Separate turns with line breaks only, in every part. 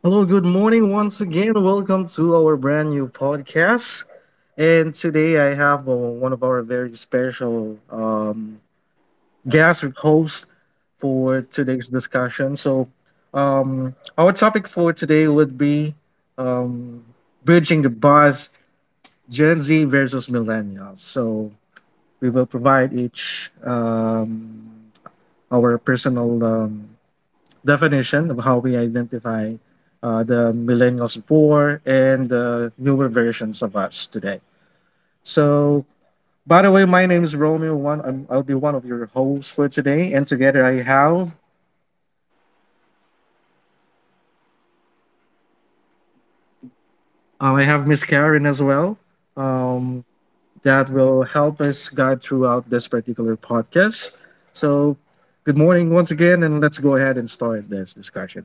Hello, good morning
All
once again. Welcome to our brand new podcast. And today I have one of our very special guest or host for today's discussion. Our topic for today would be um, bridging the bars, Gen Z versus millennials. So, we will provide each our personal definition of how we identify the millennials before and the newer versions of us today. So, by the way, my name is Romeo. I'll be one of your hosts for today, and together I have Miss Karen as well. Um, that will help us guide throughout this particular podcast. So, good morning once again, and let's go ahead and start this discussion.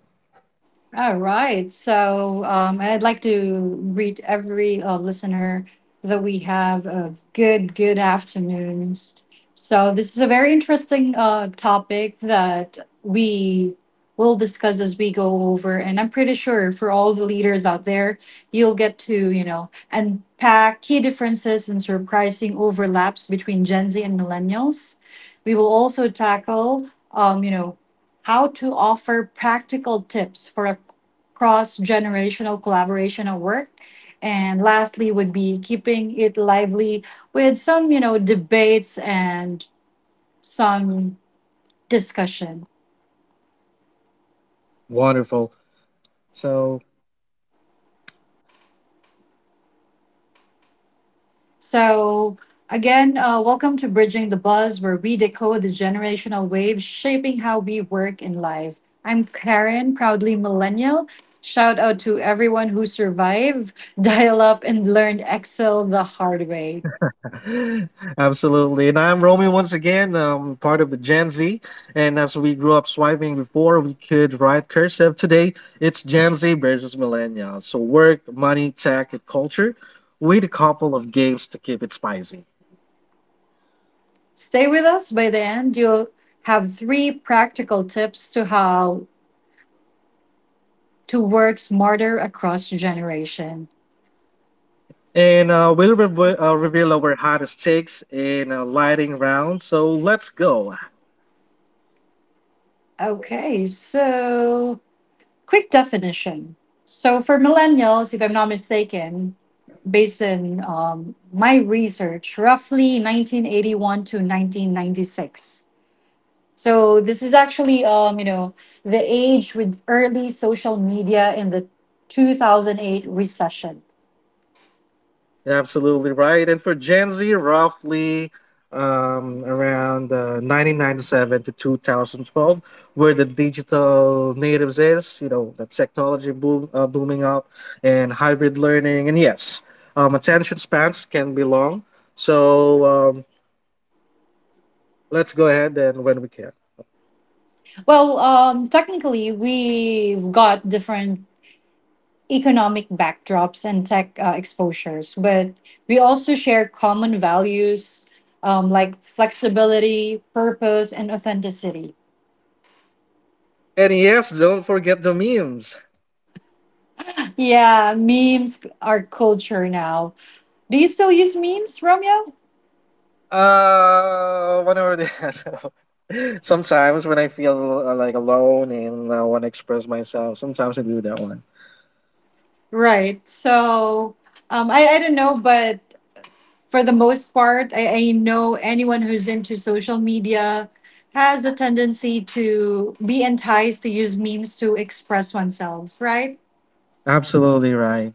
right. So I'd like to greet every listener that we have a good afternoons. So this is a very interesting topic that we will discuss as we go over. And I'm pretty sure for all the leaders out there, you'll get to, you know, unpack key differences and surprising overlaps between Gen Z and millennials. We will also tackle, you know, how to offer practical tips for a cross generational collaboration at work. And lastly, would be keeping it lively with some, you know, debates and some discussion.
Wonderful. So,
So, again, welcome to Bridging the Buzz, where we decode the generational waves shaping how we work in life. I'm Karen, proudly millennial. Shout out to everyone who survived, dial up, and learned Excel the hard way.
absolutely. And I'm Romy once again, part of the Gen Z. And as we grew up swiping before, we could write cursive. Today, it's Gen Z versus Millennials. So work, money, tech, and culture with a couple of games to keep it spicy.
Stay with us. By the end, you'll have three practical tips to how to work smarter across generation.
And we'll reveal our hottest takes in a lighting round. So let's go.
Okay, so quick definition. So for millennials, if I'm not mistaken, based on my research, roughly 1981 to 1996. So this is actually, you know, the age with early social media in the 2008 recession.
You're absolutely right. And for Gen Z, roughly around 1997 to 2012, where the digital natives is, you know, the technology booming up and hybrid learning. And yes, attention spans can be long. So um, let's go ahead and when we care.
Well, technically, we've got different economic backdrops and tech exposures, but we also share common values like flexibility, purpose, and authenticity.
And yes, don't forget the memes.
Yeah, memes are culture now. Do you still use memes, Romeo?
One or the sometimes when I feel like alone and want to express myself, sometimes I do that one.
Right. So I don't know, but for the most part, I know anyone who's into social media has a tendency to be enticed to use memes to express oneself, right?
Absolutely right.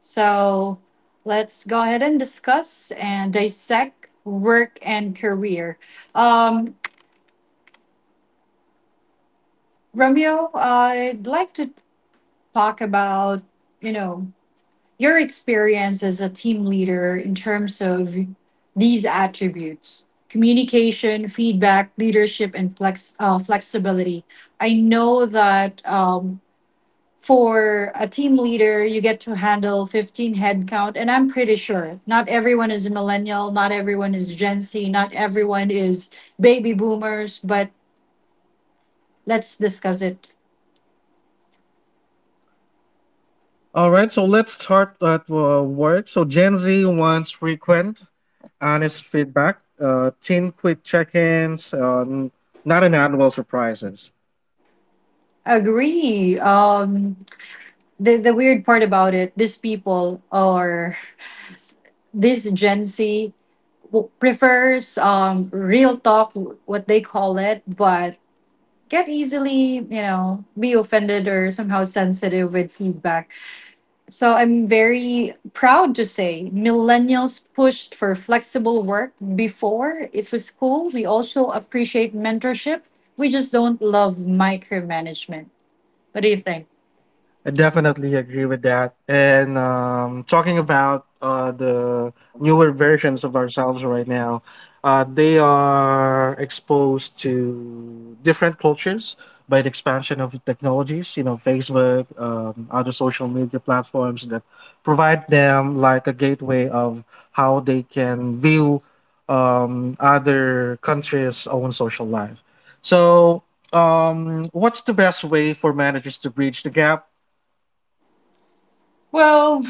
So let's go ahead and discuss and dissect work and career. Um, Romeo, I'd like to talk about, you know, your experience as a team leader in terms of these attributes communication feedback leadership and flexibility. I know that for a team leader you get to handle 15 headcount, and I'm pretty sure not everyone is millennial, not everyone is Gen Z, not everyone is baby boomers, but let's discuss it.
All right, so let's start at work. So Gen Z wants frequent, honest feedback, teen quick check-ins, not inevitable surprises.
Agree. The weird part about it, these people are this Gen Z, prefers real talk, what they call it, but get easily, you know, be offended or somehow sensitive with feedback. So I'm very proud to say millennials pushed for flexible work before it was cool. We also appreciate mentorship. We just don't love micromanagement. What do you think?
I definitely agree with that. And talking about the newer versions of ourselves right now, they are exposed to different cultures by the expansion of technologies, you know, Facebook, other social media platforms that provide them like a gateway of how they can view other countries' own social life. So, what's the best way for managers to bridge the gap?
Well,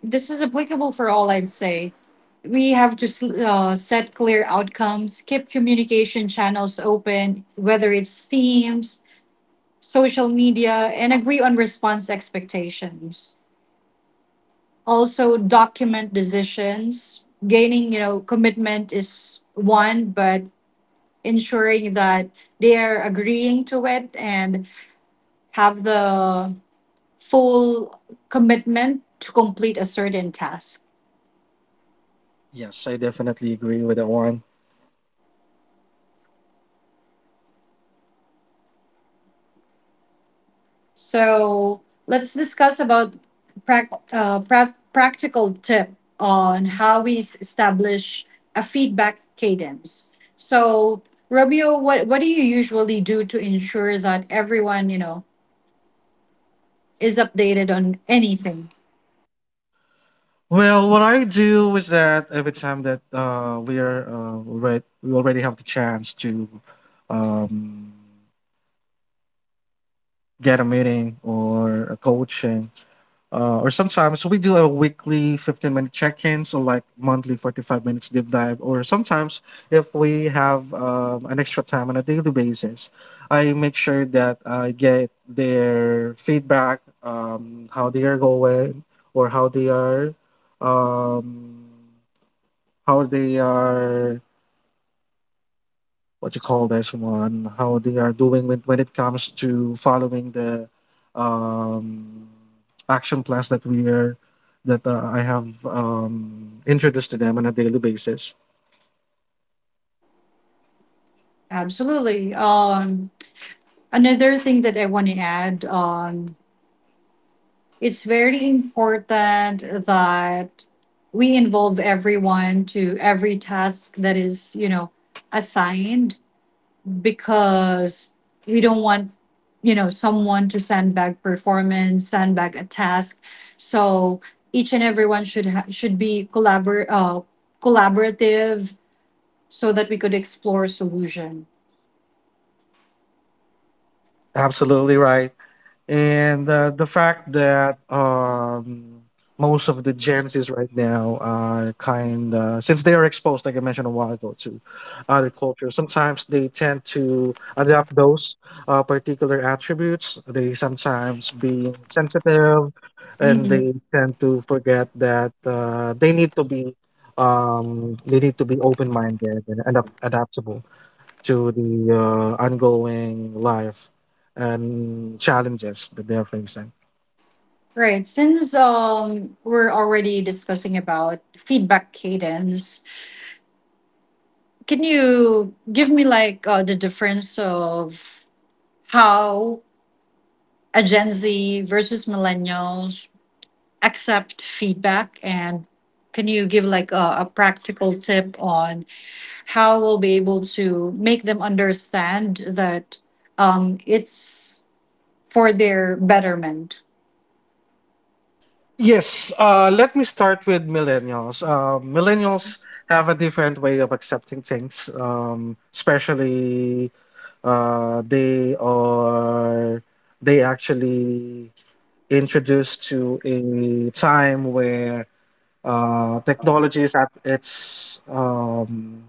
this is applicable for all, I'd say. We have to set clear outcomes, keep communication channels open, whether it's Teams, social media, and agree on response expectations. Also, document decisions. Gaining, you know, commitment is one, but ensuring that they are agreeing to it and have the full commitment to complete a certain task.
Yes, I definitely agree with that one.
So let's discuss about practical tip on how we establish a feedback cadence. So Romeo, what do you usually do to ensure that everyone, you know, is updated on anything?
Well, what I do is that every time that we already have the chance to um, get a meeting or a coaching, uh, or sometimes we do a weekly 15-minute check-in, so like monthly 45 minutes deep dive, or sometimes if we have an extra time on a daily basis, I make sure that I get their feedback, how they are going, or how they are, how they are what you call this one, how they are doing when it comes to following the um, action plans that we are that I have introduced to them on a daily basis.
Absolutely. Another thing that I want to add, it's very important that we involve everyone to every task that is, you know, assigned, because we don't want, you know, someone to sandbag performance, sandbag a task. So each and everyone should should be collaborative, so that we could explore solution.
Absolutely right. And the fact that most of the Gen Zs right now are kind of, since they are exposed, like I mentioned a while ago, to other cultures, sometimes they tend to adapt those particular attributes. They sometimes be sensitive and
Mhm.
they tend to forget that they need to be. They need to be open-minded and adaptable to the ongoing life and challenges that they're facing.
Right. Since we're already discussing about feedback cadence, can you give me like the difference of how a Gen Z versus millennials accept feedback, and can you give like a practical tip on how we'll be able to make them understand that it's for their betterment?
Yes, let me start with millennials. Millennials have a different way of accepting things, especially uh, they are they actually introduced to a time where technology is at its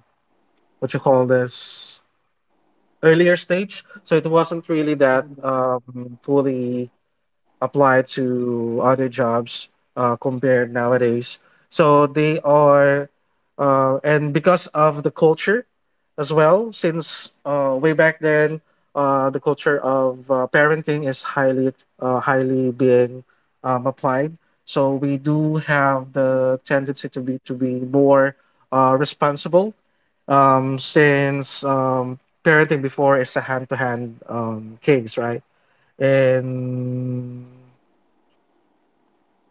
what you call this earlier stage, so it wasn't really that, fully apply to other jobs compared nowadays. So they are, and because of the culture as well, since way back then, the culture of parenting is highly, highly being applied. So we do have the tendency to be more responsible, since parenting before is a hand-to-hand case, right? And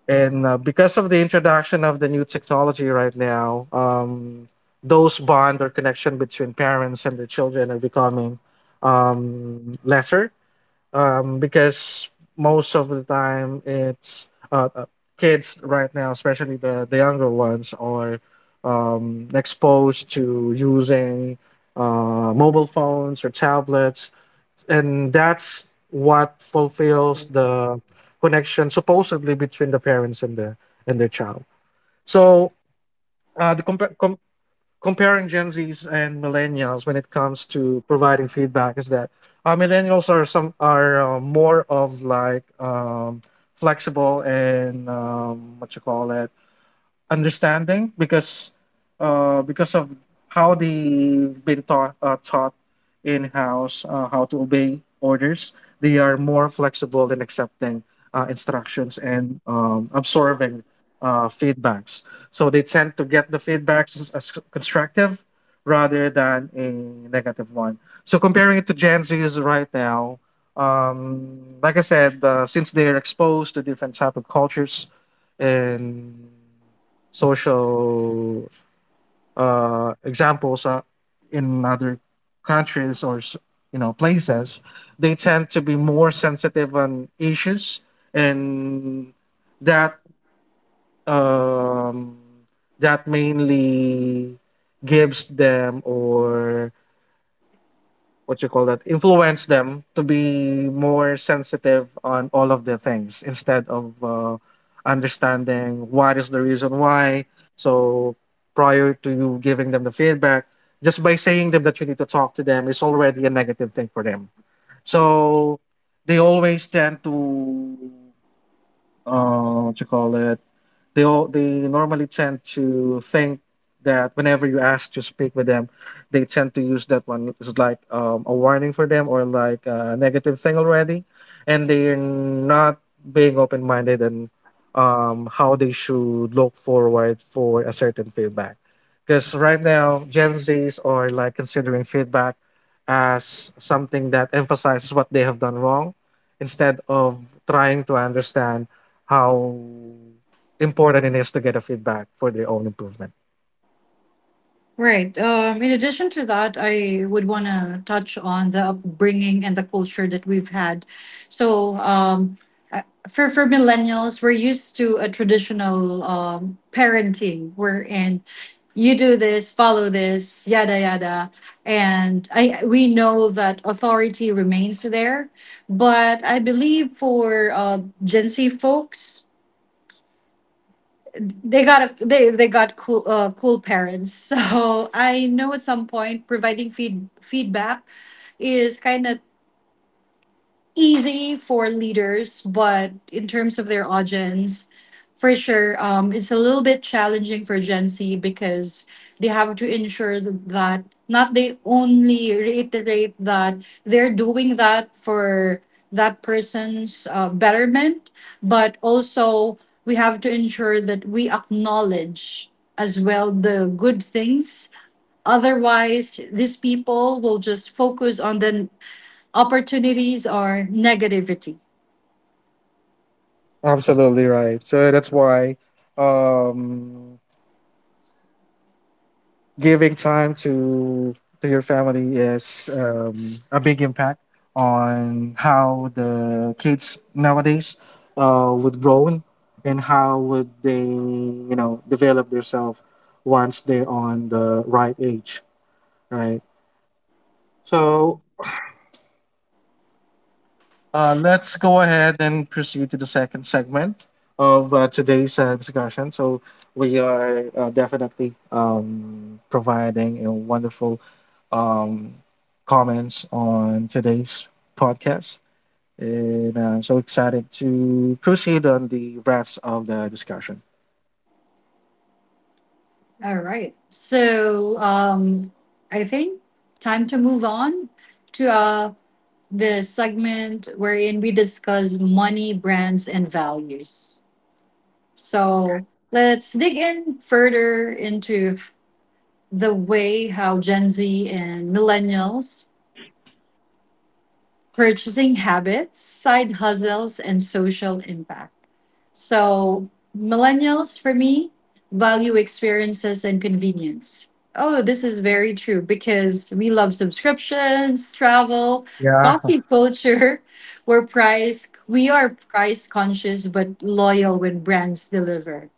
and because of the introduction of the new technology right now, those bond or connection between parents and their children are becoming lesser because most of the time it's kids right now, especially the younger ones, are exposed to using mobile phones or tablets, and that's what fulfills the connection supposedly between the parents and their child. So uh, the compa- com- comparing Gen Z's and millennials when it comes to providing feedback is that millennials are more of like flexible and what you call it understanding because of how they've been taught in house how to obey orders. They are more flexible in accepting instructions and absorbing feedbacks, so they tend to get the feedbacks as constructive rather than a negative one. So comparing it to Gen Z's right now, um, like I said, since they're exposed to different type of cultures and social examples in other countries you know, places, they tend to be more sensitive on issues, and that um, that mainly gives them or what you call that influence them to be more sensitive on all of the things, instead of understanding what is the reason why. So prior to you giving them the feedback, just by saying them that you need to talk to them is already a negative thing for them. So they always tend to what you call it they all they normally tend to think that whenever you ask to speak with them, they tend to use that one. It's like a warning for them or like a negative thing already, and they're not being open minded and how they should look forward for a certain feedback. Because right now, Gen Zs are like considering feedback as something that emphasizes what they have done wrong, instead of trying to understand how important it is to get a feedback for their own improvement.
Right. In addition to that, I would want to touch on the upbringing and the culture that we've had. So, uh, for millennials, we're used to a traditional parenting wherein you do this, follow this, yada yada, and I we know that authority remains there. But I believe for Gen Z folks, they got cool cool parents. So I know at some point providing feedback is kind of easy for leaders, but in terms of their audience, for sure, it's a little bit challenging for Gen Z because they have to ensure that, not they only reiterate that they're doing that for that person's betterment, but also we have to ensure that we acknowledge as well the good things. Otherwise, these people will just focus on the opportunities or negativity.
Absolutely right. So that's why um, giving time to your family is a big impact on how the kids nowadays would grow in and how would they, you know, develop themselves once they're on the right age, right? So uh, let's go ahead and proceed to the second segment of today's discussion. So we are definitely providing a wonderful um, comments on today's podcast, and I'm so excited to proceed on the rest of the discussion.
All right. So I think time to move on to the segment wherein we discuss money, brands, and values. So let's dig in further into the way how Gen Z and millennials purchasing habits, side hustles, and social impact. So, millennials for me value experiences and convenience. Oh, this is very true because we love subscriptions, travel, coffee culture. We are price conscious but loyal when brands deliver.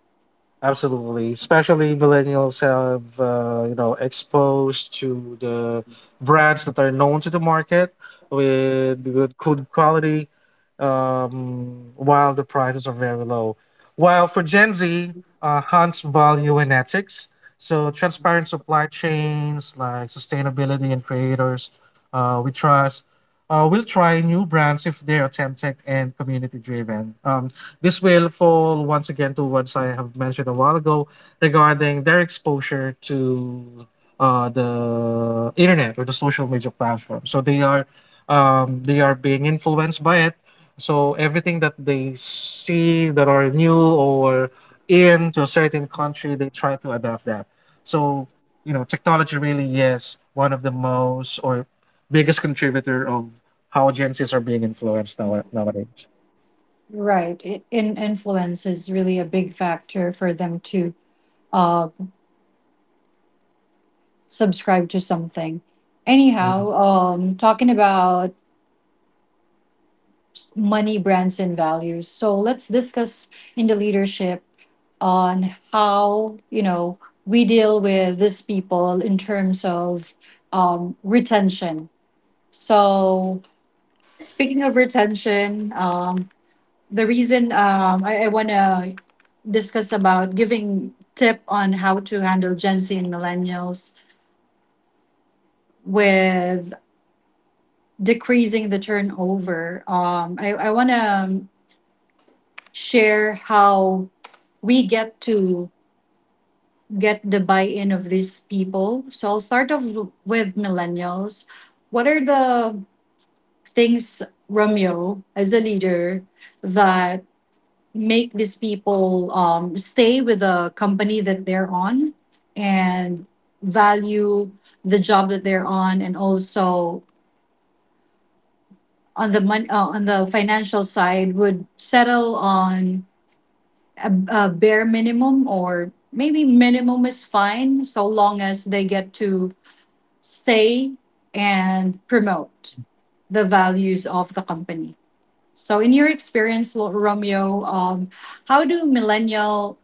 Absolutely, especially millennials have, you know, exposed to the brands that are known to the market with good quality, while the prices are very low. While for Gen Z, hunts value and ethics, so transparent supply chains like sustainability and creators we trust. We'll try new brands if they're authentic and community driven. This will fall once again to what I have mentioned a while ago regarding their exposure to the internet or the social media platform. So they are, they are being influenced by it. So everything that they see that are new or in to a certain country, they try to adapt that. So, you know, technology really is one of the most or biggest contributor of how Gen Zs are being influenced nowadays.
Right. In influence is really a big factor for them to uh subscribe to something. Anyhow, talking about money, brands, and values. So let's discuss in the leadership on how, you know, we deal with these people in terms of retention. So speaking of retention, the reason I want to discuss about giving tip on how to handle Gen Z and millennials with decreasing the turnover. I want to share how we get to get the buy-in of these people. So I'll start off with millennials. What are the things, Romeo, as a leader, that make these people stay with the company that they're on and value the job that they're on, and also on the on the financial side, would settle on a bare minimum, or maybe minimum is fine so long as they get to say and promote the values of the company. So in your experience, Romeo, how do millennial,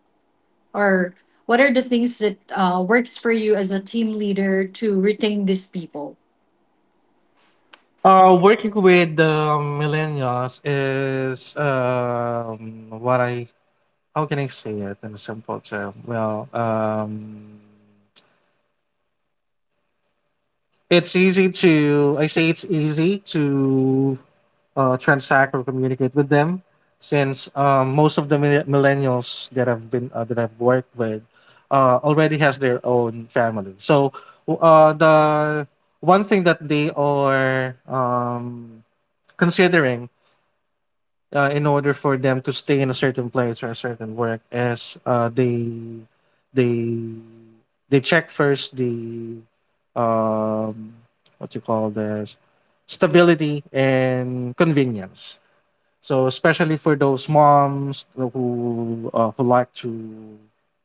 or what are the things that works for you as a team leader to retain these people?
Working with the millennials is what I how can I say it in a simple term? Well, it's easy to I say it's easy to transact or communicate with them, since most of the millennials that have been that I've worked with already has their own family. So the one thing that they are considering in order for them to stay in a certain place or a certain work, as they they check first the um, what you call this stability and convenience. So especially for those moms who like to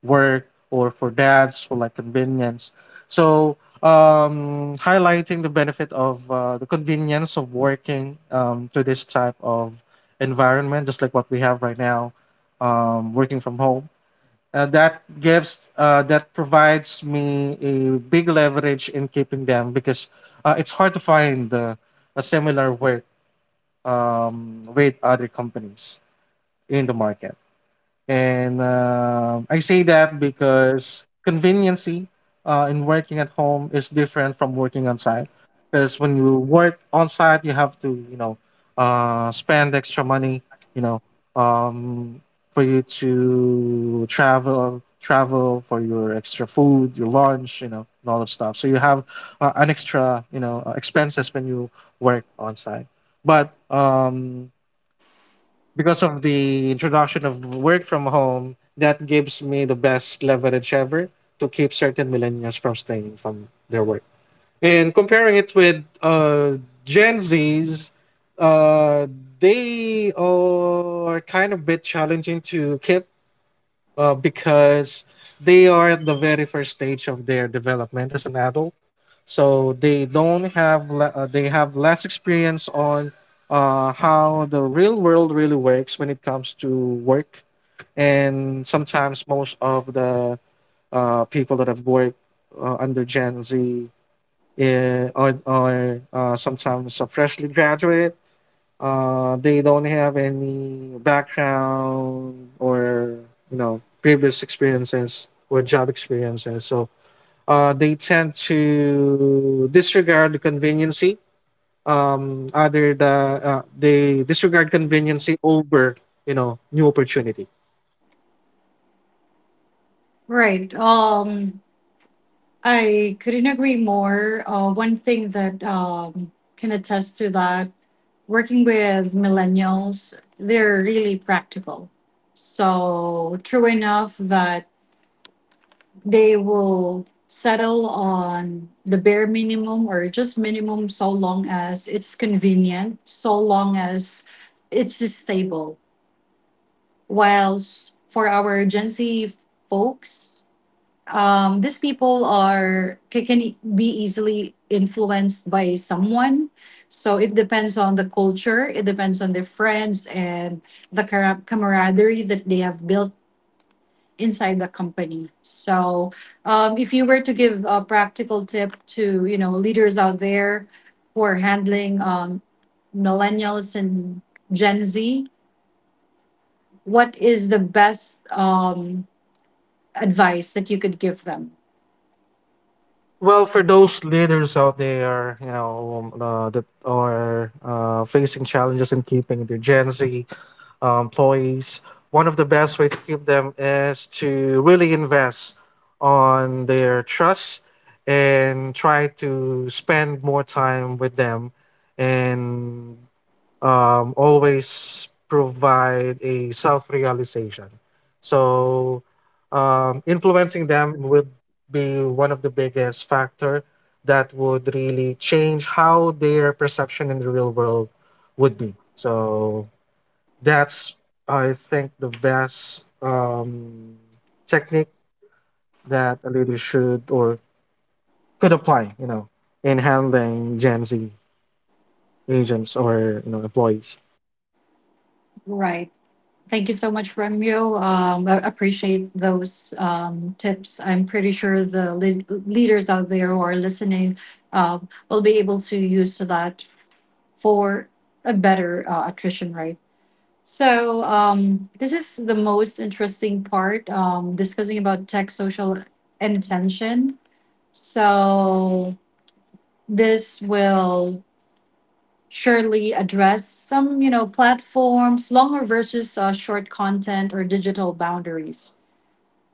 work, or for dads who like convenience. So highlighting the benefit of the convenience of working to this type of environment, just like what we have right now, working from home. That provides me a big leverage in keeping them because it's hard to find a similar work with other companies in the market. And I say that because conveniency in working at home is different from working on site. Because when you work on site, you have to, you know, spend extra money, you know, um, for you to travel for your extra food, your lunch, you know, and all that stuff. So you have an extra, you know, expenses when you work on site. But because of the introduction of work from home, that gives me the best leverage ever to keep certain millennials from staying from their work. And comparing it with Gen Zs, uh, they are kind of bit challenging to keep because they are at the very first stage of their development as an adult, so they don't have le- they have less experience on how the real world really works when it comes to work. And sometimes most of the people that have worked under gen z are sometimes a freshly graduate. They don't have any background or you know previous experiences or job experiences, so they tend to disregard the conveniency. Other the they disregard conveniency over you know new opportunity.
Right. Um, I couldn't agree more. Uh, one thing that can attest to that, working with millennials, they're really practical. So, true enough that they will settle on the bare minimum or just minimum so long as it's convenient, so long as it's stable. Whilst for our Gen Z folks, these people can be easily influenced by someone. So it depends on the culture, it depends on their friends and the camaraderie that they have built inside the company. So if you were to give a practical tip to, you know, leaders out there who are handling millennials and Gen Z, what is the best advice that you could give them?
Well, for those leaders out there, you know, that are facing challenges in keeping their Gen Z employees, one of the best way to keep them is to really invest on their trust and try to spend more time with them, and always provide a self-realization. So influencing them would be one of the biggest factor that would really change how their perception in the real world would be. So that's, I think, the best technique that a leader should or could apply, you know, in handling Gen Z agents or you know employees.
Right. Thank you so much, Remyo. I appreciate those tips. I'm pretty sure the leaders out there who are listening will be able to use that for a better attrition rate. So this is the most interesting part, discussing about tech, social, and attention. So this will surely address some, you know, platforms, longer versus short content or digital boundaries.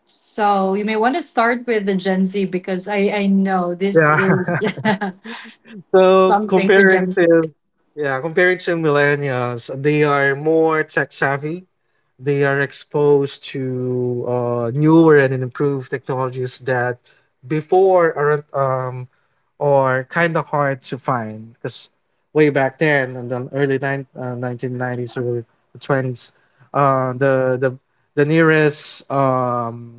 So you may want to start with the Gen Z because I know this
Yeah.
is
So
something for
comparing
Gen Z.
to Yeah, comparing to millennials, they are more tech savvy. They are exposed to newer and improved technologies that before aren't or kind of hard to find, because way back then in the early 1990s or the 20s, uh, the the the nearest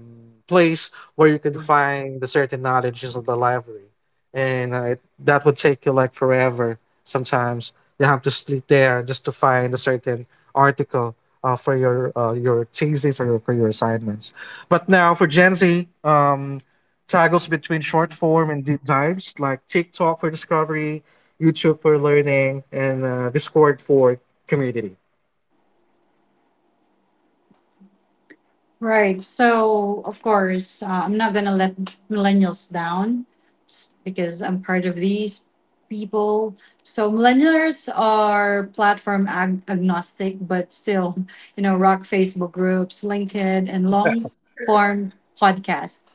place where you could find the certain knowledge is the library, and that would take you like forever. Sometimes you have to sleep there just to find a certain article for your thesis or for your assignments. But now for Gen Z, toggles between short form and deep dives like TikTok for discovery, YouTube for learning, and Discord for community.
Right. So, of course, I'm not going to let millennials down, because I'm part of these people. So, millennials are platform agnostic, but still, you know, rock Facebook groups, LinkedIn, and long form podcasts.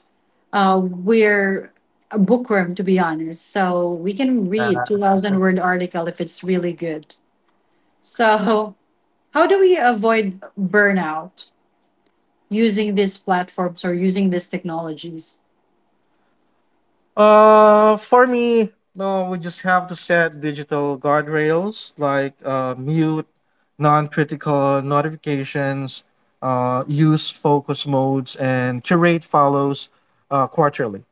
We're a bookworm, to be honest. So, we can read 2,000 word article if it's really good. So, how do we avoid burnout using these platforms or using these technologies,
For me, no, we just have to set digital guardrails like mute, non-critical notifications, use focus modes, and curate follows quarterly.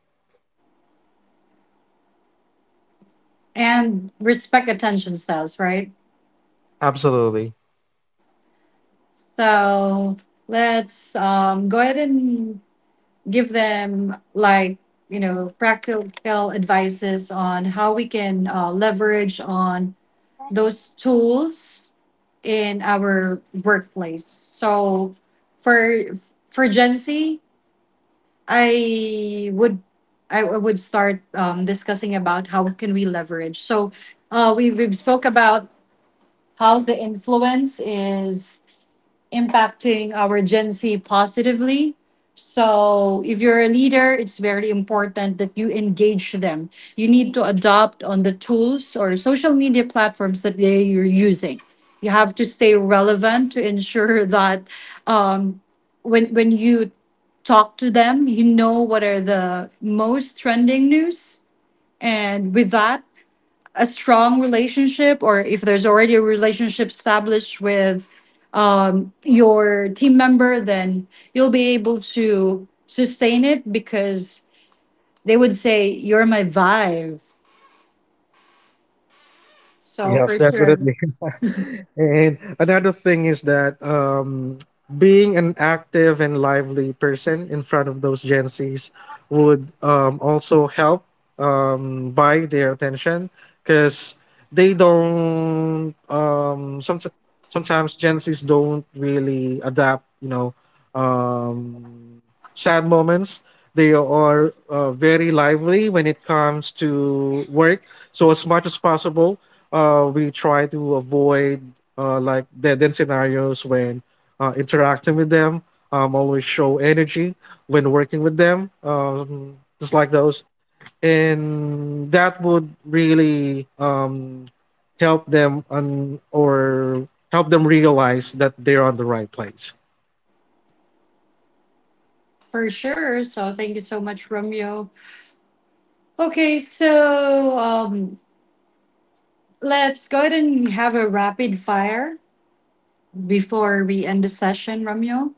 and respect attention styles, right?
Absolutely.
So let's go ahead and give them like, you know, practical advices on how we can leverage on those tools in our workplace. So for Gen Z, I would I would start discussing about how can we leverage. So we we've spoke about how the influence is impacting our Gen Z positively. So, if you're a leader, it's very important that you engage them. You need to adopt on the tools or social media platforms that you're using. You have to stay relevant to ensure that um, when you talk to them, you know what are the most trending news, and with that, a strong relationship, or if there's already a relationship established with your team member, then you'll be able to sustain it because they would say, "You're my vibe." So,
Yes,
for sure.
definitely. And another thing is that being an active and lively person in front of those Gen Zs would also help buy their attention, because they don't, sometimes Gen Zs don't really adapt, you know, um, sad moments. They are very lively when it comes to work. So, as much as possible, we try to avoid like dead end scenarios when interacting with them. Always show energy when working with them, just like those, and that would really help them and or help them realize that they're on the right place.
For sure. So, thank you so much, Romeo. Okay, so let's go ahead and have a rapid fire before we end the session, Romeo.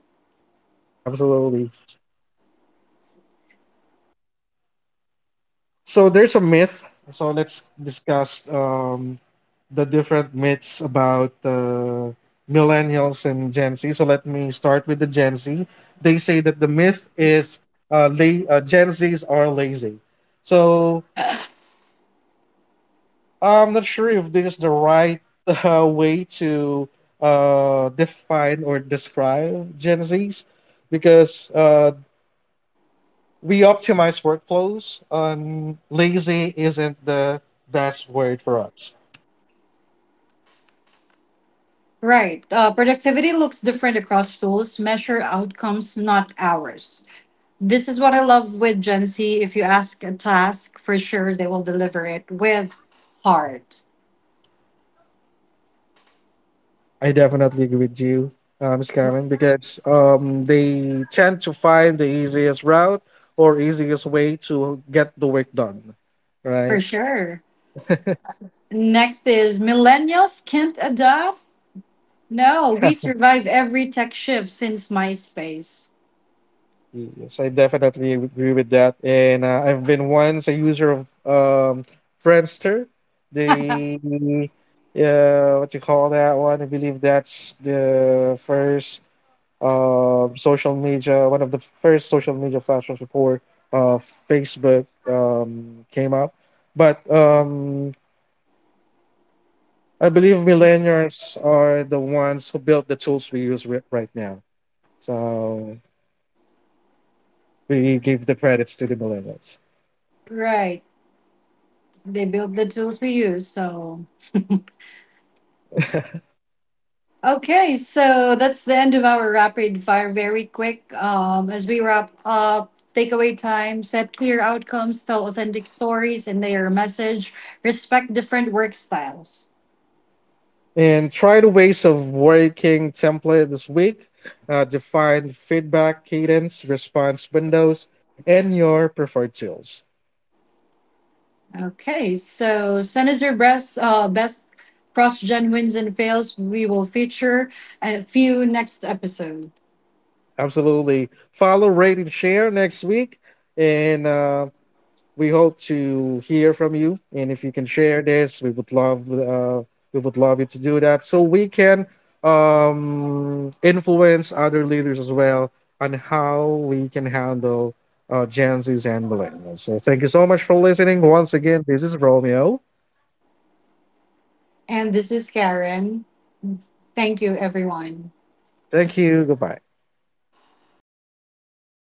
Absolutely. So there's a myth. So let's discuss the different myths about millennials and Gen Z. So let me start with the Gen Z. They say that the myth is Gen Zs are lazy. So I'm not sure if this is the right way to define or describe Gen Zs, because we optimize workflows and lazy isn't the best word for us.
Right. Productivity looks different across tools, measure outcomes, not hours. This is what I love with Gen Z. If you ask a task, for sure they will deliver it with heart.
I definitely agree with you, Ms. Carmen, because they tend to find the easiest route or easiest way to get the work done,
For
right?
sure. Next is millennials can't adapt. No, we survive every tech shift since MySpace.
Yes, I definitely agree with that. And I've been once a user of Friendster. They, what you call that one? I believe that's the first social media, one of the first social media platforms before uh, Facebook came out. But I believe millennials are the ones who built the tools we right now. So we give the credits to the millennials.
Right. They built the tools we use. So okay, so that's the end of our rapid fire. Very quick. As we wrap up, takeaway time, set clear outcomes, tell authentic stories and their message, respect different work styles.
And try the ways of working template this week. Define feedback, cadence, response windows, and your preferred tools.
Okay, so Senator best, best cross gen wins and fails. We will feature a few next episode.
Absolutely. Follow, rate, and share next week. And we hope to hear from you. And if you can share this, we would love you to do that so we can influence other leaders as well on how we can handle Gen Zs and millennials. So thank you so much for listening once again. This is Romeo.
And this is Karen. Thank you, everyone.
Thank you. Goodbye.